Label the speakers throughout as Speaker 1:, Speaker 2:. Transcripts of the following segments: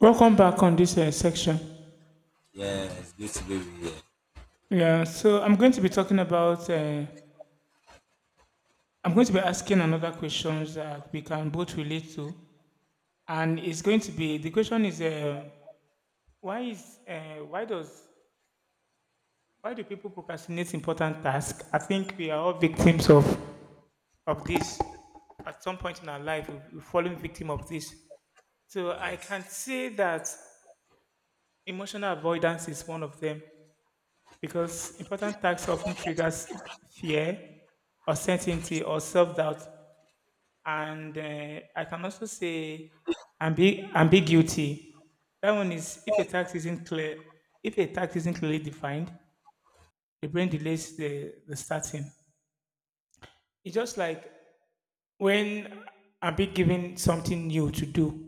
Speaker 1: Welcome back on this section.
Speaker 2: Yeah, it's good to be with you here.
Speaker 1: Yeah, so I'm going to be talking about. I'm going to be asking another questions that we can both relate to, and it's going to be the question is why is uh, why does why do people procrastinate important tasks? I think we are all victims of this. At some point in our life, we've fallen victim of this. So I
Speaker 2: Yes.
Speaker 1: can say that emotional avoidance is one of them, because important tasks often triggers fear, uncertainty, or self-doubt. And I can also say ambiguity. That one is if a task isn't clear, if a task isn't clearly defined, the brain delays the starting. It's just like when I'm being given something new to do,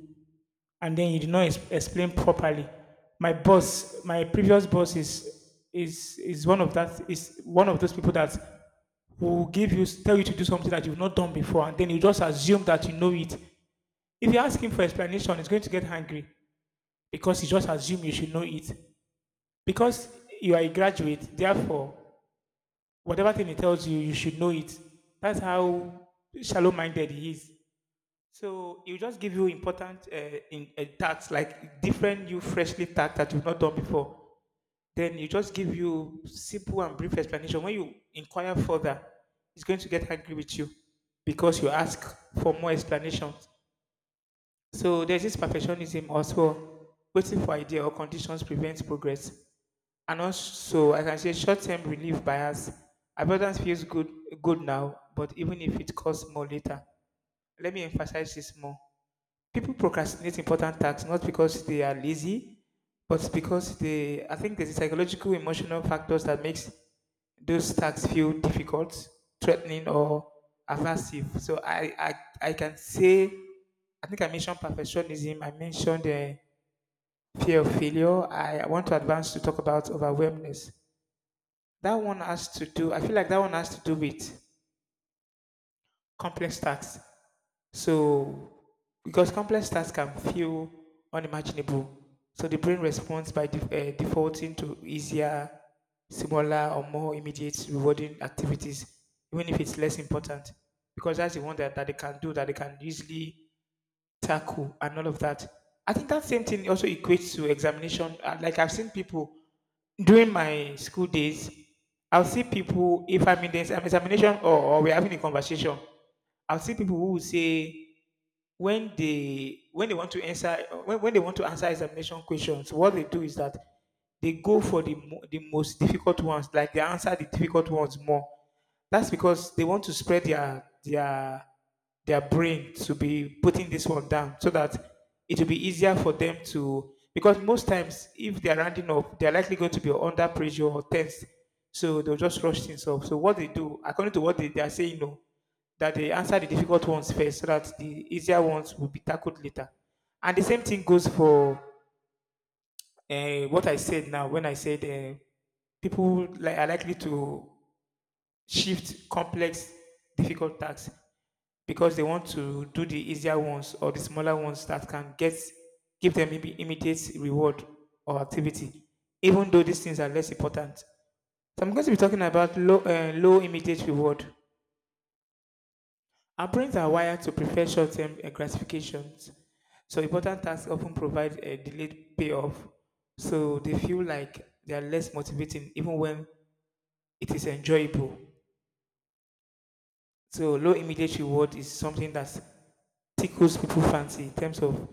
Speaker 1: and then he did not explain properly. My boss, my previous boss is one of those people that will give you tell you to do something that you've not done before, and then you just assume that you know it. If you ask him for explanation, he's going to get angry because he just assume you should know it. Because you are a graduate, therefore, whatever thing he tells you, you should know it. That's how shallow-minded he is. So it will just give you important tasks, like different new freshly tasks that you've not done before. Then you just give you simple and brief explanation. When you inquire further, it's going to get angry with you because you ask for more explanations. So there's this perfectionism also. Waiting for idea or conditions prevents progress. And also, I can say short-term relief bias. Avoidance feels good now, but even if it costs more later. Let me emphasize this more. People procrastinate important tasks not because they are lazy, but because they. I think there's a psychological, emotional factors that makes those tasks feel difficult, threatening, or aversive. So I can say, I think I mentioned perfectionism. I mentioned the fear of failure. I want to advance to talk about overwhelmness. That one has to do. I feel like that one has to do with complex tasks. So, because complex tasks can feel unimaginable, so the brain responds by defaulting to easier, smaller, or more immediate rewarding activities, even if it's less important, because that's the one that they can do, that they can easily tackle, and all of that. I think that same thing also equates to examination. Like I've seen people during my school days, I'll see people if I'm in the examination or we're having a conversation, I'll see people who will say when they want to answer when they want to answer examination questions. What they do is that they go for the the most difficult ones. Like they answer the difficult ones more. That's because they want to spread their brain to be putting this one down so that it will be easier for them to, because most times if they're rounding up they're likely going to be under pressure or tense, so they'll just rush things off. So what they do, according to what they are saying, no, that they answer the difficult ones first so that the easier ones will be tackled later. And the same thing goes for what I said now, when I said people are likely to shift complex, difficult tasks because they want to do the easier ones or the smaller ones that can get give them maybe immediate reward or activity, even though these things are less important. So I'm going to be talking about low immediate reward. Our brains are wired to prefer short term gratifications, so important tasks often provide a delayed payoff, so they feel like they are less motivating even when it is enjoyable. So, low immediate reward is something that tickles people's fancy in terms of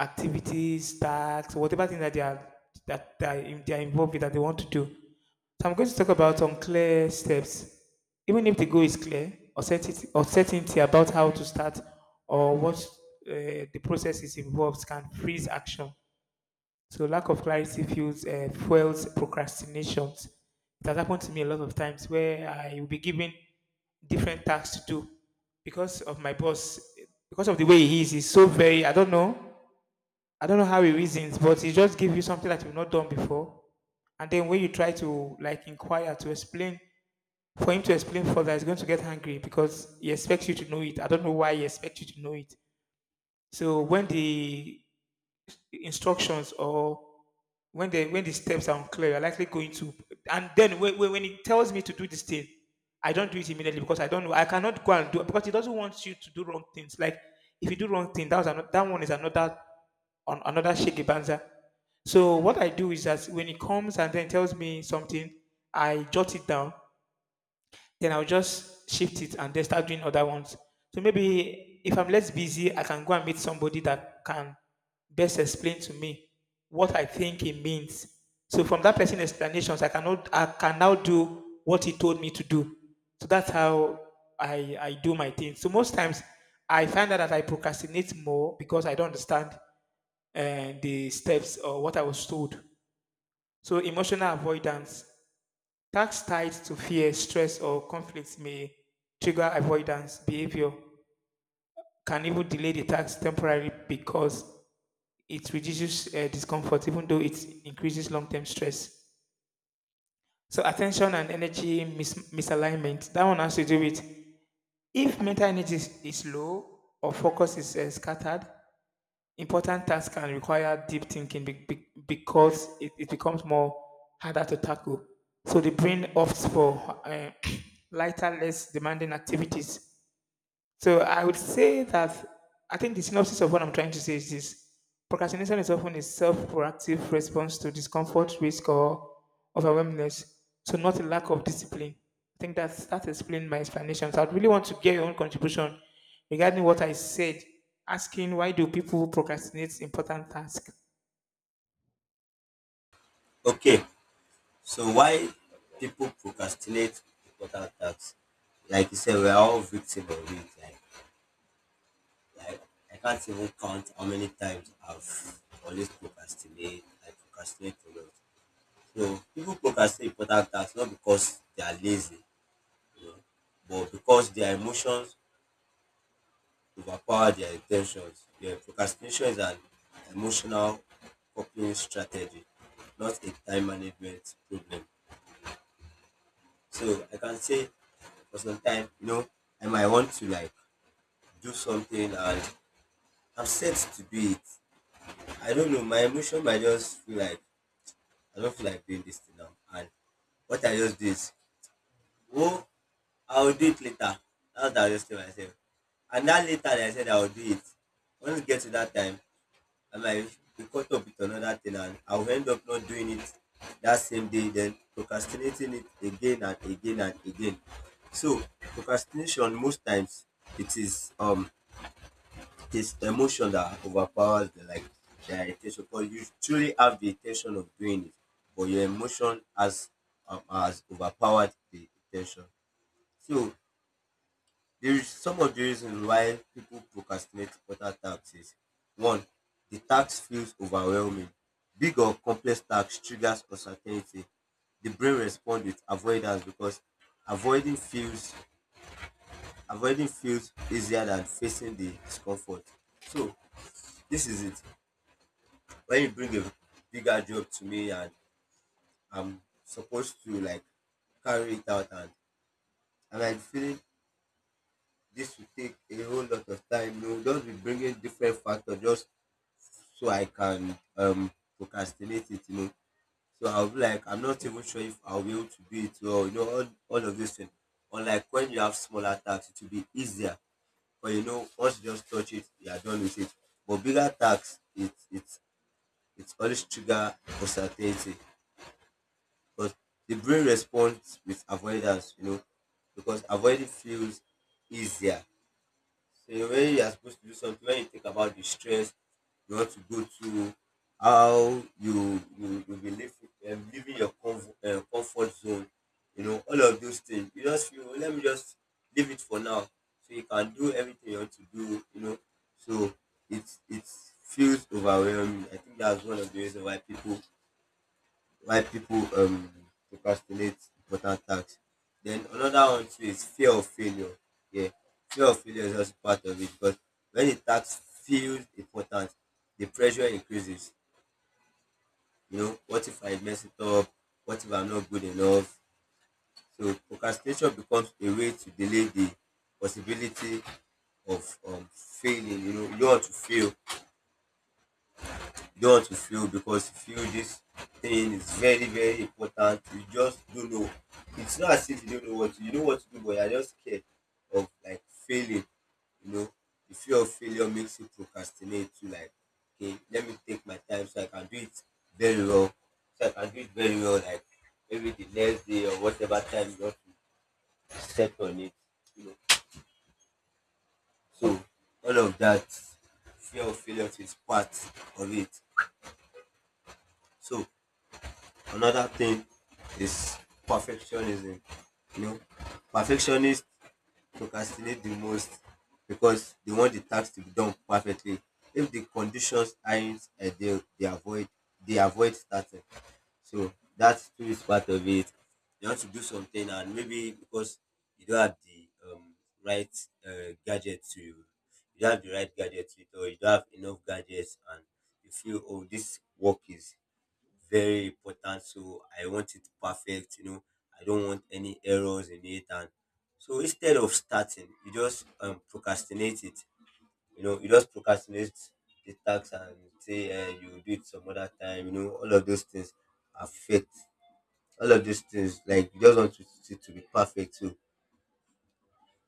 Speaker 1: activities, tasks, whatever thing that they are, that they are involved with that they want to do. So I'm going to talk about unclear steps. Even if the goal is clear, uncertainty about how to start or what the process is involved can freeze action. So lack of clarity fuels procrastinations. It has happened to me a lot of times where I will be given different tasks to do because of my boss, because of the way he is. He's so very, I don't know how he reasons, but he just gives you something that you've not done before. And then when you try to like inquire to explain, for him to explain further, he's going to get angry because he expects you to know it. I don't know why he expects you to know it. So when the instructions or when the steps are unclear, I likely going to, and then when he tells me to do this thing, I don't do it immediately because I don't know. I cannot go and do it because it doesn't want you to do wrong things. Like if you do wrong thing, that was another, that one is another on another shaky banza. So what I do is that when it comes and then tells me something, I jot it down, then I'll just shift it and then start doing other ones. So maybe if I'm less busy, I can go and meet somebody that can best explain to me what I think it means. So from that person's explanations, I cannot I can now do what he told me to do. So that's how I do my thing. So most times I find out that I procrastinate more because I don't understand the steps or what I was told. So emotional avoidance. Tasks tied to fear, stress, or conflicts may trigger avoidance behavior, can even delay the task temporarily because it reduces discomfort, even though it increases long term stress. So, attention and energy misalignment, that one has to do with if mental energy is low or focus is scattered. Important tasks can require deep thinking because it becomes more harder to tackle. So the brain opts for lighter, less demanding activities. So I would say that I think the synopsis of what I'm trying to say is this: procrastination is often a self proactive response to discomfort, risk, or overwhelmingness, so not a lack of discipline. I think that's that explains my explanation. So I'd really want to get your own contribution regarding what I said, asking why do people procrastinate important tasks.
Speaker 2: Okay. So why people procrastinate important tasks? Like you said, we're all victims of it. Like, I can't even count how many times I've always procrastinate. I procrastinate a lot. So people procrastinate important tasks not because they are lazy, you know, but because their emotions overpower their intentions. Yeah, procrastination is an emotional coping strategy, not a time management problem. So I can say for some time, you know, I might want to like do something and I'm set to do it. I don't know, my emotion might just feel like I don't feel like doing this thing now. And what I just do is, oh, I'll do it later. That's what I just tell myself. And that later that I said I'll do it. Once you get to that time, I might be caught up with another thing and I'll end up not doing it that same day, then procrastinating it again and again and again. So procrastination most times it is um it is emotion that overpowers the like the intention because you truly have the intention of doing it, but your emotion has overpowered the intention. So there is some of the reasons why people procrastinate other taxes. One, the tax feels overwhelming. Big or complex tax triggers uncertainty. The brain responds with avoidance because avoiding feels avoiding feels easier than facing the discomfort. So this is it. When you bring a bigger job to me and I'm supposed to like carry it out and I'm feeling this will take a whole lot of time. No, know, just be bringing different factors, just so I can procrastinate it, you know. So I'll be like, I'm not even sure if I'll be able to do it well, you know, all of those things. Unlike when you have smaller tasks, it will be easier. But you know, once you just touch it, you are done with it. But bigger tasks, it's always trigger uncertainty. Because the brain responds with avoidance, you know, because avoiding feels easier. So when you are supposed to do something, when you think about the stress you want to go through, how you be live, leaving your comfort zone, you know, all of those things. You just feel let me just leave it for now, so you can do everything you want to do, you know. So it feels overwhelming. I think that's one of the reasons why people procrastinate important tasks. Then another one too is fear of failure. Yeah, fear of failure is also part of it because when the task feels important, the pressure increases. You know, what if I mess it up? What if I'm not good enough? So procrastination becomes a way to delay the possibility of failing. You know, you don't want to fail, God to feel, because you feel this thing is very, very important. You just don't know. It's not as if you don't know what to you know what to do, but you're just scared of like failing. You know, the fear of failure makes you procrastinate to like, okay, let me take my time so I can do it very well. So I can do it very well, like maybe the next day or whatever time you want to set on it. You know. So all of that fear of failure is part of it. So another thing is perfectionism, you know. Perfectionists procrastinate the most because they want the task to be done perfectly. If the conditions aren't ideal they avoid starting. So that too is part of it. You want to do something and maybe because you don't have the right gadget to you don't have the right gadget to it or you don't have enough gadgets and you feel oh this work is very important. So I want it perfect, you know. I don't want any errors in it. And so instead of starting, you just procrastinate it. You know, you just procrastinate the tax and say you will do it some other time. You know, all of those things affect all of these things. Like you just want it to be perfect. So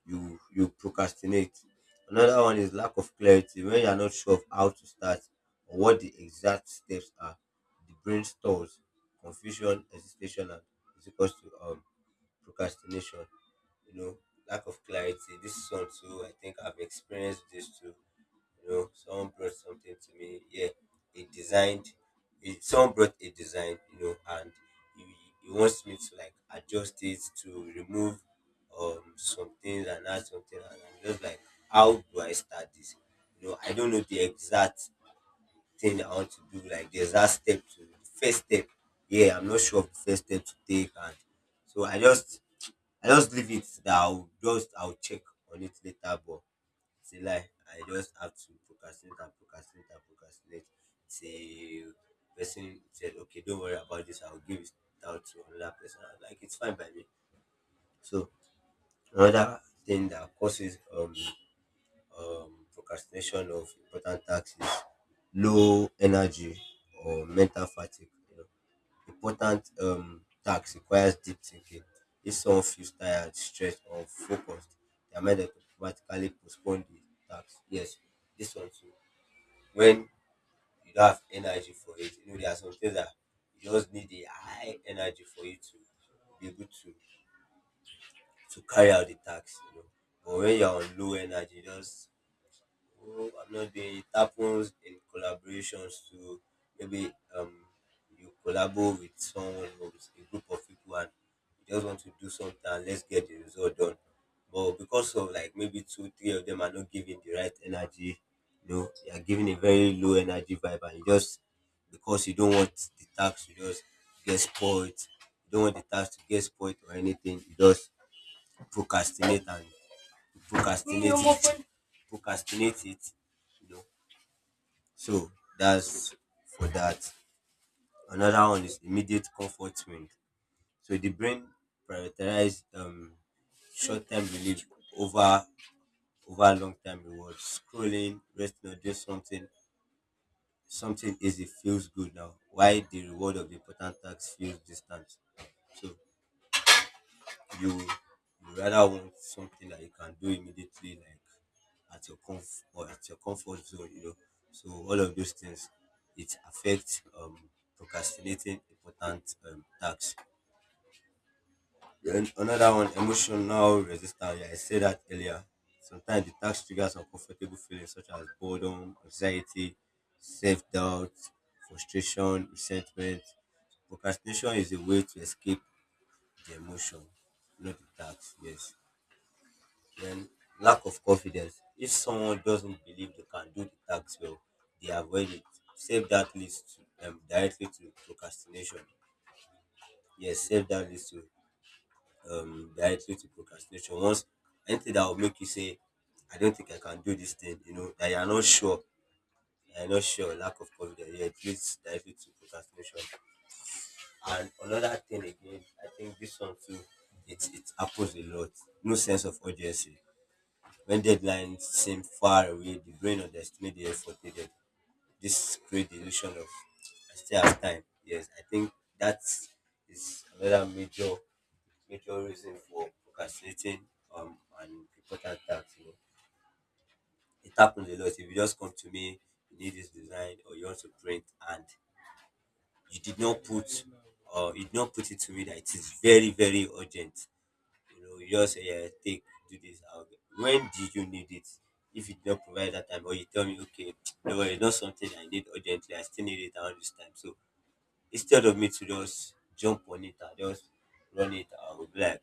Speaker 2: you procrastinate. Another one is lack of clarity. When you are not sure of how to start or what the exact steps are, the brain stores confusion, hesitation, and it's equals to procrastination. You know, lack of clarity. This is one too. I think I've experienced this too. You know, someone brought something to me. Yeah, it designed. Someone brought a design. You know, and he, he wants me to like adjust it to remove some things and add something. And I'm just like, how do I start this? You know, I don't know the exact thing I want to do. Like the first step. Yeah, I'm not sure of the first step to take. And so I just leave it. That I'll check on it later. But it's a lie. I just have to procrastinate and procrastinate and procrastinate. Till person said, okay, don't worry about this. I'll give it out to another person. I'm like, it's fine by me. So another thing that causes procrastination of important tasks is low energy or mental fatigue. You know, important task requires deep thinking. If someone feels tired, stressed or focused, their mind will automatically postpone the task. Yes, this one too. When you don't have energy for it, you know there are some things that you just need a high energy for you to be able to carry out the task, you know. But when you're on low energy, you just oh, I've not been. It happens in collaborations to maybe you collabo with someone or with a group of people and you just want to do something and let's get the result done. But because of like maybe two, three of them are not giving the right energy, you know, they are giving a very low energy vibe and you just because you don't want the task to just get spoiled, you don't want the task to get spoiled or anything, you just procrastinate and procrastinate it procrastinate it, you know. So that's for that. Another one is immediate comfort wind. So the brain prioritizes short-term relief over over long-term rewards, scrolling, resting, or just something easy feels good now why the reward of the important task feels distant. So you rather want something that you can do immediately, like at your comfort zone, you know. So all of those things, it affects procrastinating important tasks. Then another one, emotional resistance. Yeah, I said that earlier. Sometimes the task triggers uncomfortable feelings such as boredom, anxiety, self-doubt, frustration, resentment. Procrastination is a way to escape the emotion, not the task. Yes. Then lack of confidence. If someone doesn't believe they can do the task well, they avoid it. Save that leads to, directly to procrastination. Yes, save that leads to directly to procrastination. Once anything that will make you say, I don't think I can do this thing, you know, that you're not sure, lack of confidence, yeah, it leads directly to procrastination. And another thing again, I think this one too, it happens a lot. No sense of urgency. When deadlines seem far away, the brain underestimates the effort needed. This creates the illusion of I still have time. Yes, I think that is another major major reason for procrastinating and important tasks. You know, it happens a lot. If you just come to me, you need this design or you want to print, and you did not put it to me that it is very very urgent. You know you just say, yeah, take do this I'll get. When did you need it? If you do not provide that time, or you tell me, okay, no, it's not something I need urgently, I still need it around this time. So instead of me to just jump on it and just run it, I will be like,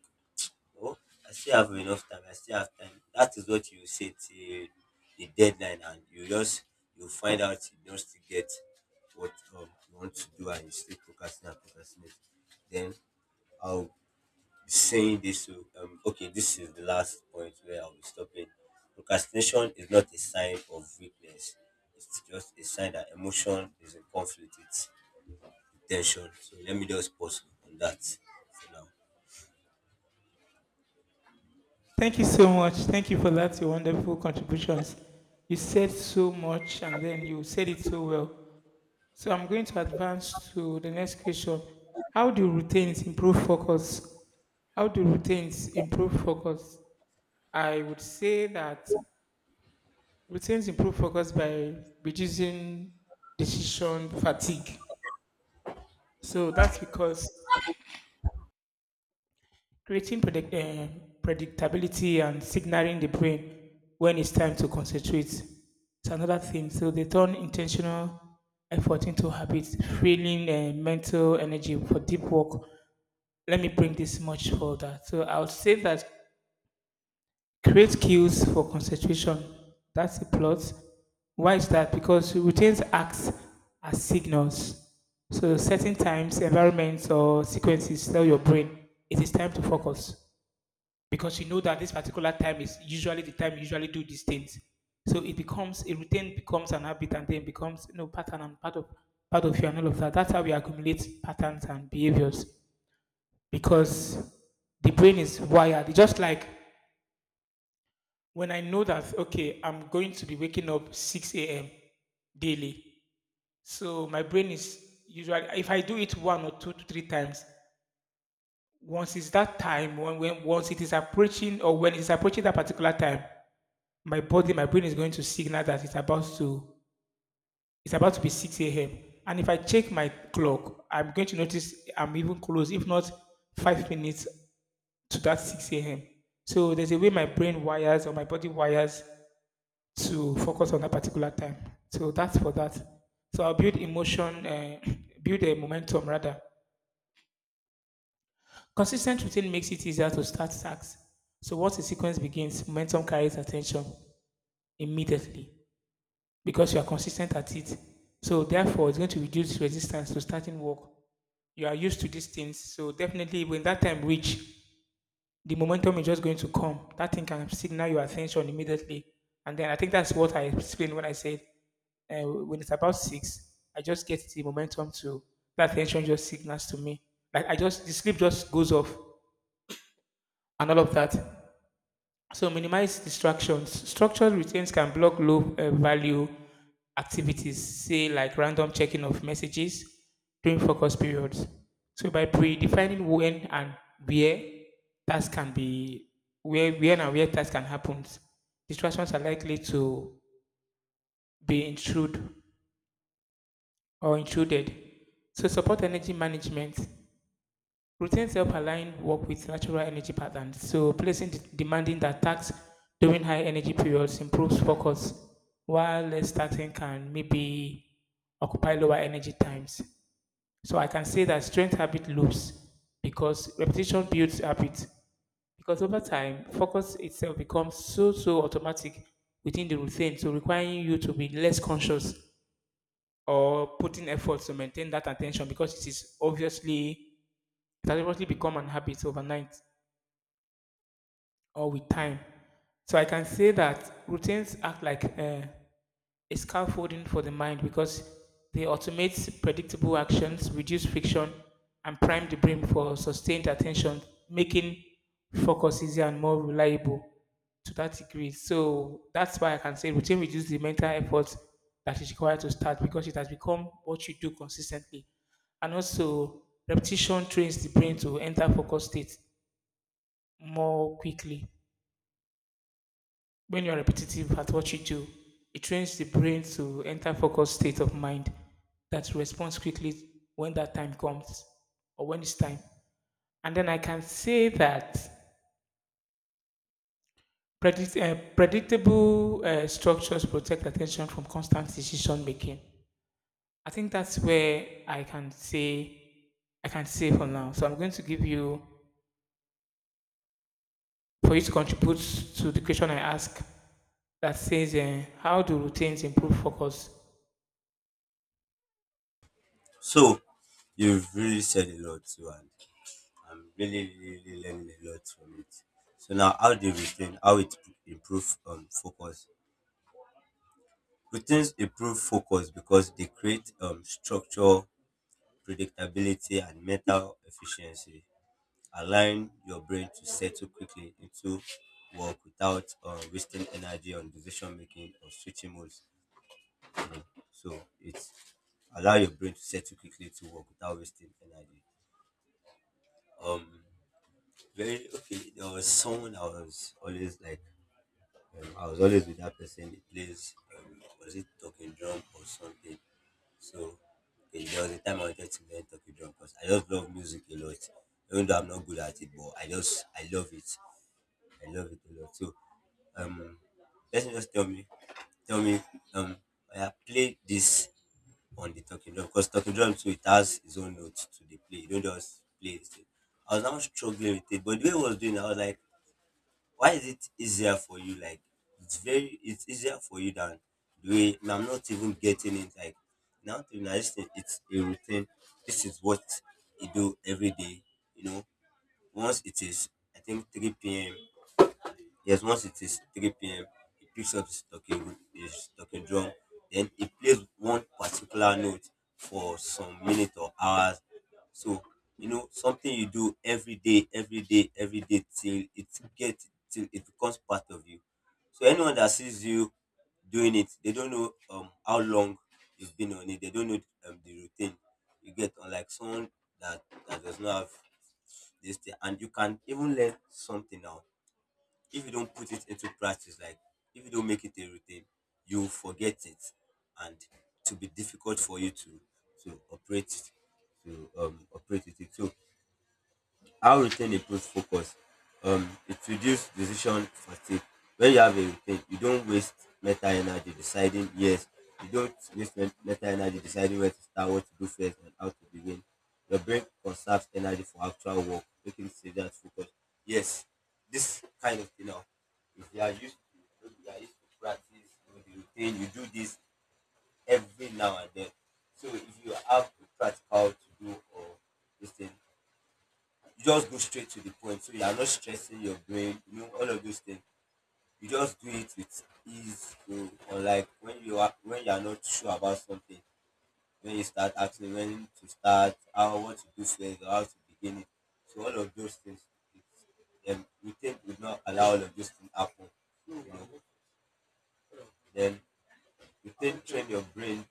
Speaker 2: oh, I still have enough time, I still have time. That is what you say till the deadline, and you just, you find out you don't still get what you want to do, and you still procrastinate and procrastinate. Then I'll saying this to okay, this is the last point where I'll be stopping. Procrastination is not a sign of weakness. It's just a sign that emotion is in conflict with intention. So let me just pause on that for now.
Speaker 1: Thank you so much. Thank you for that, your wonderful contributions. You said so much and then you said it so well. So I'm going to advance to the next question. How do routines improve focus? How do routines improve focus? I would say that routines improve focus by reducing decision fatigue. So that's because creating predictability and signaling the brain when it's time to concentrate is another thing. So they turn intentional effort into habits, freeing mental energy for deep work. Let me bring this much further. So I would say that create cues for concentration. That's the plot. Why is that? Because routines act as signals. So certain times, environments or sequences tell your brain it is time to focus, because you know that this particular time is usually the time you usually do these things. So it becomes a routine, becomes an habit, and then becomes, you know, pattern and part of you and all of that. That's how we accumulate patterns and behaviors, because the brain is wired. It's just like when I know that, okay, I'm going to be waking up 6 a.m. daily. So my brain is usually, if I do it one or two to three times, once it's that time, when once it is approaching or when it's approaching that particular time, my body, my brain is going to signal that it's about to be 6 a.m. And if I check my clock, I'm going to notice I'm even close, if not 5 minutes to that 6 a.m. So there's a way my brain wires or my body wires to focus on that particular time. So that's for that. So I'll build emotion, build a momentum rather. Consistent routine makes it easier to start tasks. So once the sequence begins, momentum carries attention immediately because you are consistent at it. So therefore, it's going to reduce resistance to starting work. You are used to these things. So definitely, when that time reach, the momentum is just going to come. That thing can signal your attention immediately. And then I think that's what I explained when I said when it's about six, I just get the momentum to, that attention just signals to me. Like I just, the sleep just goes off and all of that. So minimize distractions. Structured routines can block low value activities, say like random checking of messages during focus periods. So by predefining when and where tasks can be, where tasks can happen, distractions are likely to be intrude or intruded. So support energy management. Routines help align work with natural energy patterns, so placing demanding that tasks during high energy periods improves focus, while less taxing can maybe occupy lower energy times. So I can say that strength habit loops, because repetition builds habit. Because over time, focus itself becomes so automatic within the routine, so requiring you to be less conscious or putting effort to maintain that attention, because it is obviously, it has obviously become an habit overnight, or with time. So I can say that routines act like a scaffolding for the mind, because they automate predictable actions, reduce friction, and prime the brain for sustained attention, making focus easier and more reliable to that degree. So that's why I can say routine reduces the mental effort that is required to start, because it has become what you do consistently. And also, repetition trains the brain to enter focus state more quickly. When you're repetitive at what you do, it trains the brain to enter focused state of mind that responds quickly when that time comes or when it's time. And then I can say that predictable structures protect attention from constant decision making. I think that's where I can say, I can say for now. So I'm going to give you, for you to contribute to the question I ask that says, "How do routines improve focus?"
Speaker 2: So you've really said a lot too, and I'm really really learning a lot from it. So now, how do you retain, how it improve focus? Routines improve focus because they create structure, predictability and mental efficiency, allowing your brain to settle quickly into work without wasting energy on decision making or switching modes. You know? So it's allow your brain to settle quickly to work without wasting energy. Um, Very okay. There was someone I was always like, I was always with that person. He plays, was it talking drum or something? So okay, there was a time I wanted to learn talking drum because I just love music a lot. Even though I'm not good at it, but I just I love it. I love it a lot. So um let me just tell me um oya played this on the talking drum, because talking drum too, it has its own notes to dey play, you not just play it. I was now struggling with it, but the way he was doing it, I was like, why is it easier for you? Like, it's very, it's easier for you than the way. And I'm not even getting it. Like, now to now, this thing, it's a routine. This is what you do every day. You know, once it is, I think 3 p.m. Yes, once it is 3 p.m., he picks up his talking drum, then he plays one particular note for some minutes or hours. So, you know, something you do every day, every day, every day till it get, till it becomes part of you. So anyone that sees you doing it, they don't know how long you've been on it. They don't know the routine. You get, unlike someone that does not have this thing. And you can even learn something now, if you don't put it into practice, like if you don't make it a routine, you forget it, and to be difficult for you to to operate it- to operate it. So how routine improves focus. It reduces decision fatigue. When you have a routine, you don't waste mental energy deciding, yes. You don't waste mental energy deciding where to start, what to do first, and how to begin. Your brain conserves energy for actual work, making it easier to focus. Yes, this kind of thing now, if you are used to practice, you know, the routine, you do this every now and then. So if you have a practical to do or this thing, just go straight to the point, so you are not stressing your brain, you know, all of those things. You just do it with ease. So unlike when you are, when you are not sure about something, when you start asking when to start, how, what to do first, or how to begin it, so all of those things, it's we think would not allow all of those things happen, you know. Then you train your brain,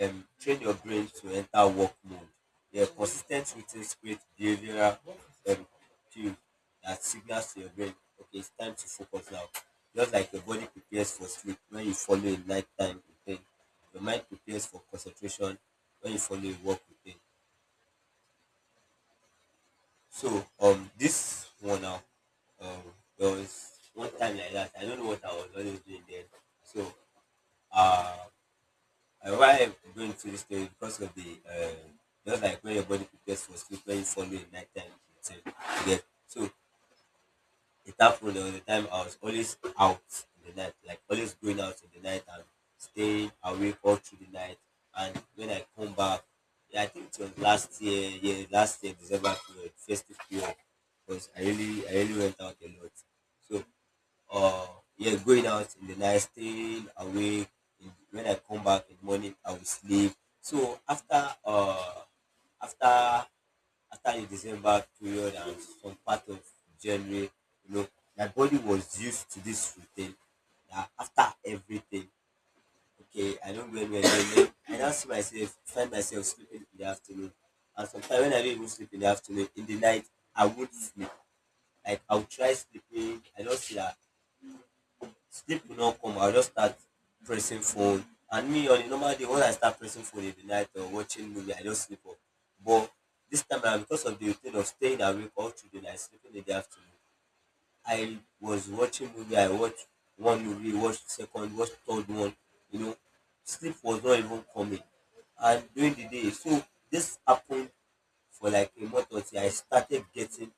Speaker 2: train your brain to enter work mode. Yeah, consistent, ten t routines create behavioral um cues that signals to your brain, okay, it's time to focus now. Just like your body prepares for sleep when you follow a nighttime routine, your mind prepares for concentration when you follow a work routine. So this one now, um there was one time like that, I don't know what I was always doing then. So um why I'm going through this story? Because of the just like when your body prepares for sleep, when you follow a nighttime routine, you get so it happened. There was time I was always out in the night, like always going out in the night and staying awake all through the night. And when I come back, yeah, I think it was last year, yeah, last year December period, festive period, because I really went out a lot. So or yeah, going out in the night, staying awake. In, when I come back in the morning, I will sleep. So after after the December period and some part of January, you know, my body was used to this routine. That after everything, okay, I don't go anywhere. I now see myself, find myself sleeping in the afternoon, and sometimes when I don't even sleep in the afternoon, in the night I won't sleep. Like I'll try sleeping. I don't see that sleep will not come. I'll just start pressing phone. And me on a normal day, when I start pressing phone in the night or watching movie, I just sleep off. But this time around, because of the routine of staying awake all through the night, sleeping in the afternoon, I was watching movie, I watched one movie, watched second, watched third one, you know, sleep was not even coming. And during the day, so this happened for like a month or two. I started getting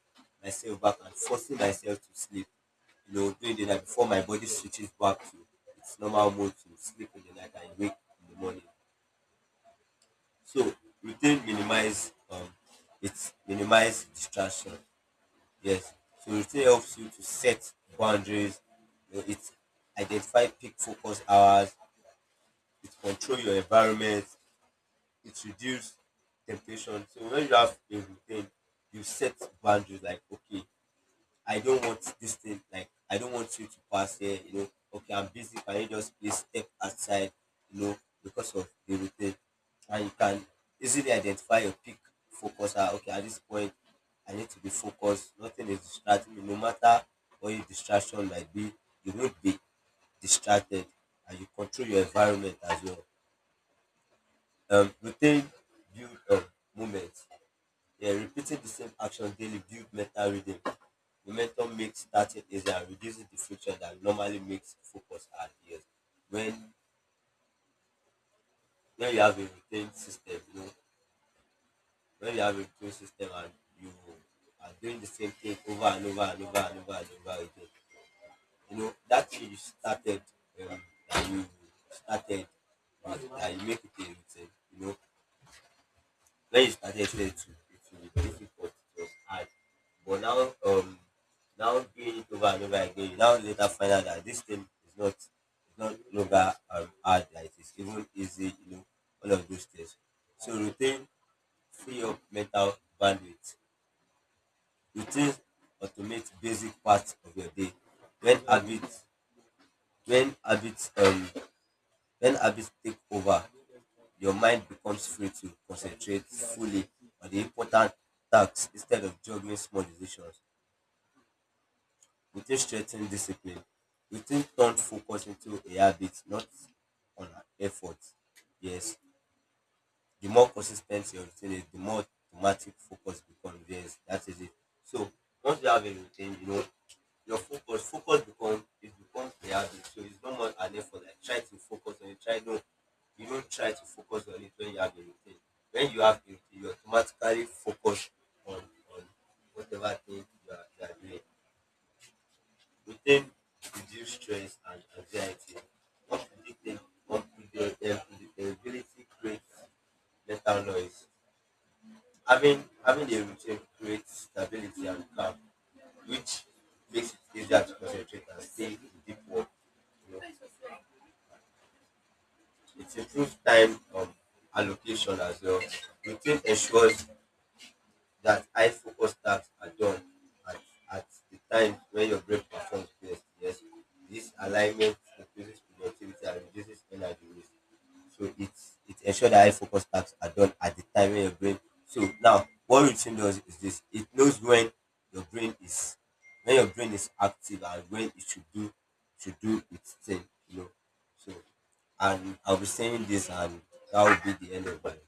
Speaker 2: myself back and forcing myself to sleep, you know, during the night before my body switches back to its normal mode to sleep in the night and wake in the morning. So routine minimize it minimize distraction. Yes. So it really helps you to set boundaries. You know, it identify peak focus hours. It control your environment. It reduce temptation. So when you have a routine, you set boundaries, like okay, I don't want this thing, like, I don't want you to pass here, you know, okay, I'm busy, can you just please step outside, you know, because of the routine. And you can easily identify your peak focus. Ah, okay, at this point, I need to be focused. Nothing is distracting me. No matter what your distraction might be, you won't be distracted, and you control your environment as well. Routine build moments. Yeah, repeating the same action daily builds mental rhythm. Momentum makes starting easier and reduces the friction that normally makes focus hard. Yes, when when you have a routine system, you know, when you have a routine system and you are doing the same thing over and over and over and over and over again, you know that thing you started um, that you started with, that you make it a routine. You know, when you started there too, it will be difficult. It was hard. But now, now doing it over and over again, you now later find out that this thing is not no longer hard. Like it's even easy. You know, all of those things. So routine free up mental bandwidth. Routines automate basic parts of your day. When habits when habits um when habits take over, your mind becomes free to concentrate fully on the important tasks instead of juggling small decisions. Routine strengthens discipline. Routine turns focus into a habit, not on effort. Yes, the more consistency your routine is, the more thematic focus becomes. Yes, that is it. So once you have a routine, you know your focus becomes a habit. So it's no more an effort. Like try to focus on it. Try, no, you don't try to focus on it when you have a routine. When you have a routine, you automatically focus on whatever thing you are doing. Routine reduce stress and anxiety. Unpredictability creates mental noise. Having a routine creates stability and calm, which makes it easier to concentrate and stay in deep work. You know, it improves time allocation as well. Routine ensures that high focus tasks are done at, at the time when your brain performs best. Yes, this alignment increases productivity and reduces energy waste. So it's it ensures that high focus tasks are done at the time when your brain. So now, what routine does is this: it knows when your brain is when your brain is active, and when it should do its thing. You know, so and I'll be saying this, and that will be the end of it.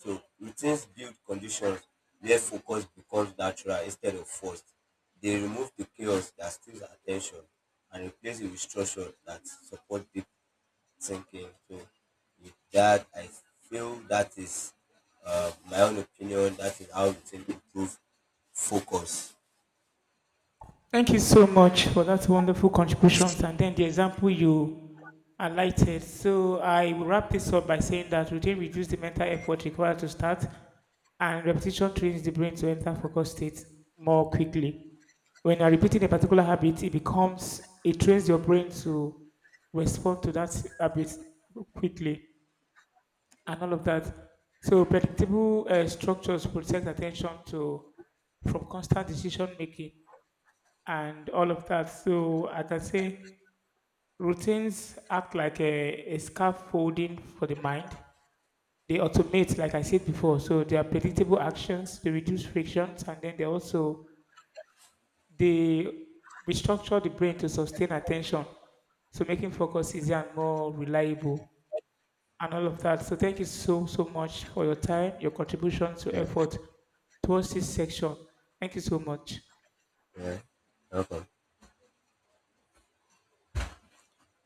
Speaker 2: So routines build conditions where focus becomes natural instead of forced. They remove the chaos that steals attention and replace it with structure that support deep thinking. So with that, I feel that is my own opinion. That is how routine improve focus.
Speaker 1: Thank you so much for that wonderful contributions and then the example you highlighted. So I will wrap this up by saying that routine reduces the mental effort required to start and repetition trains the brain to enter focus state more quickly. When you're repeating a particular habit, it becomes, it trains your brain to respond to that habit quickly and all of that. So predictable structures protect attention to from constant decision making and all of that. So I can say routines act like a scaffolding for the mind. They automate, like I said before. So they are predictable actions, they reduce frictions, and then they also they restructure the brain to sustain attention. So making focus easier and more reliable and all of
Speaker 2: Yeah,
Speaker 1: that. So thank you so so much for your time, your contribution to
Speaker 2: yeah,
Speaker 1: effort towards this section. Thank you so much.
Speaker 2: yeah. Welcome.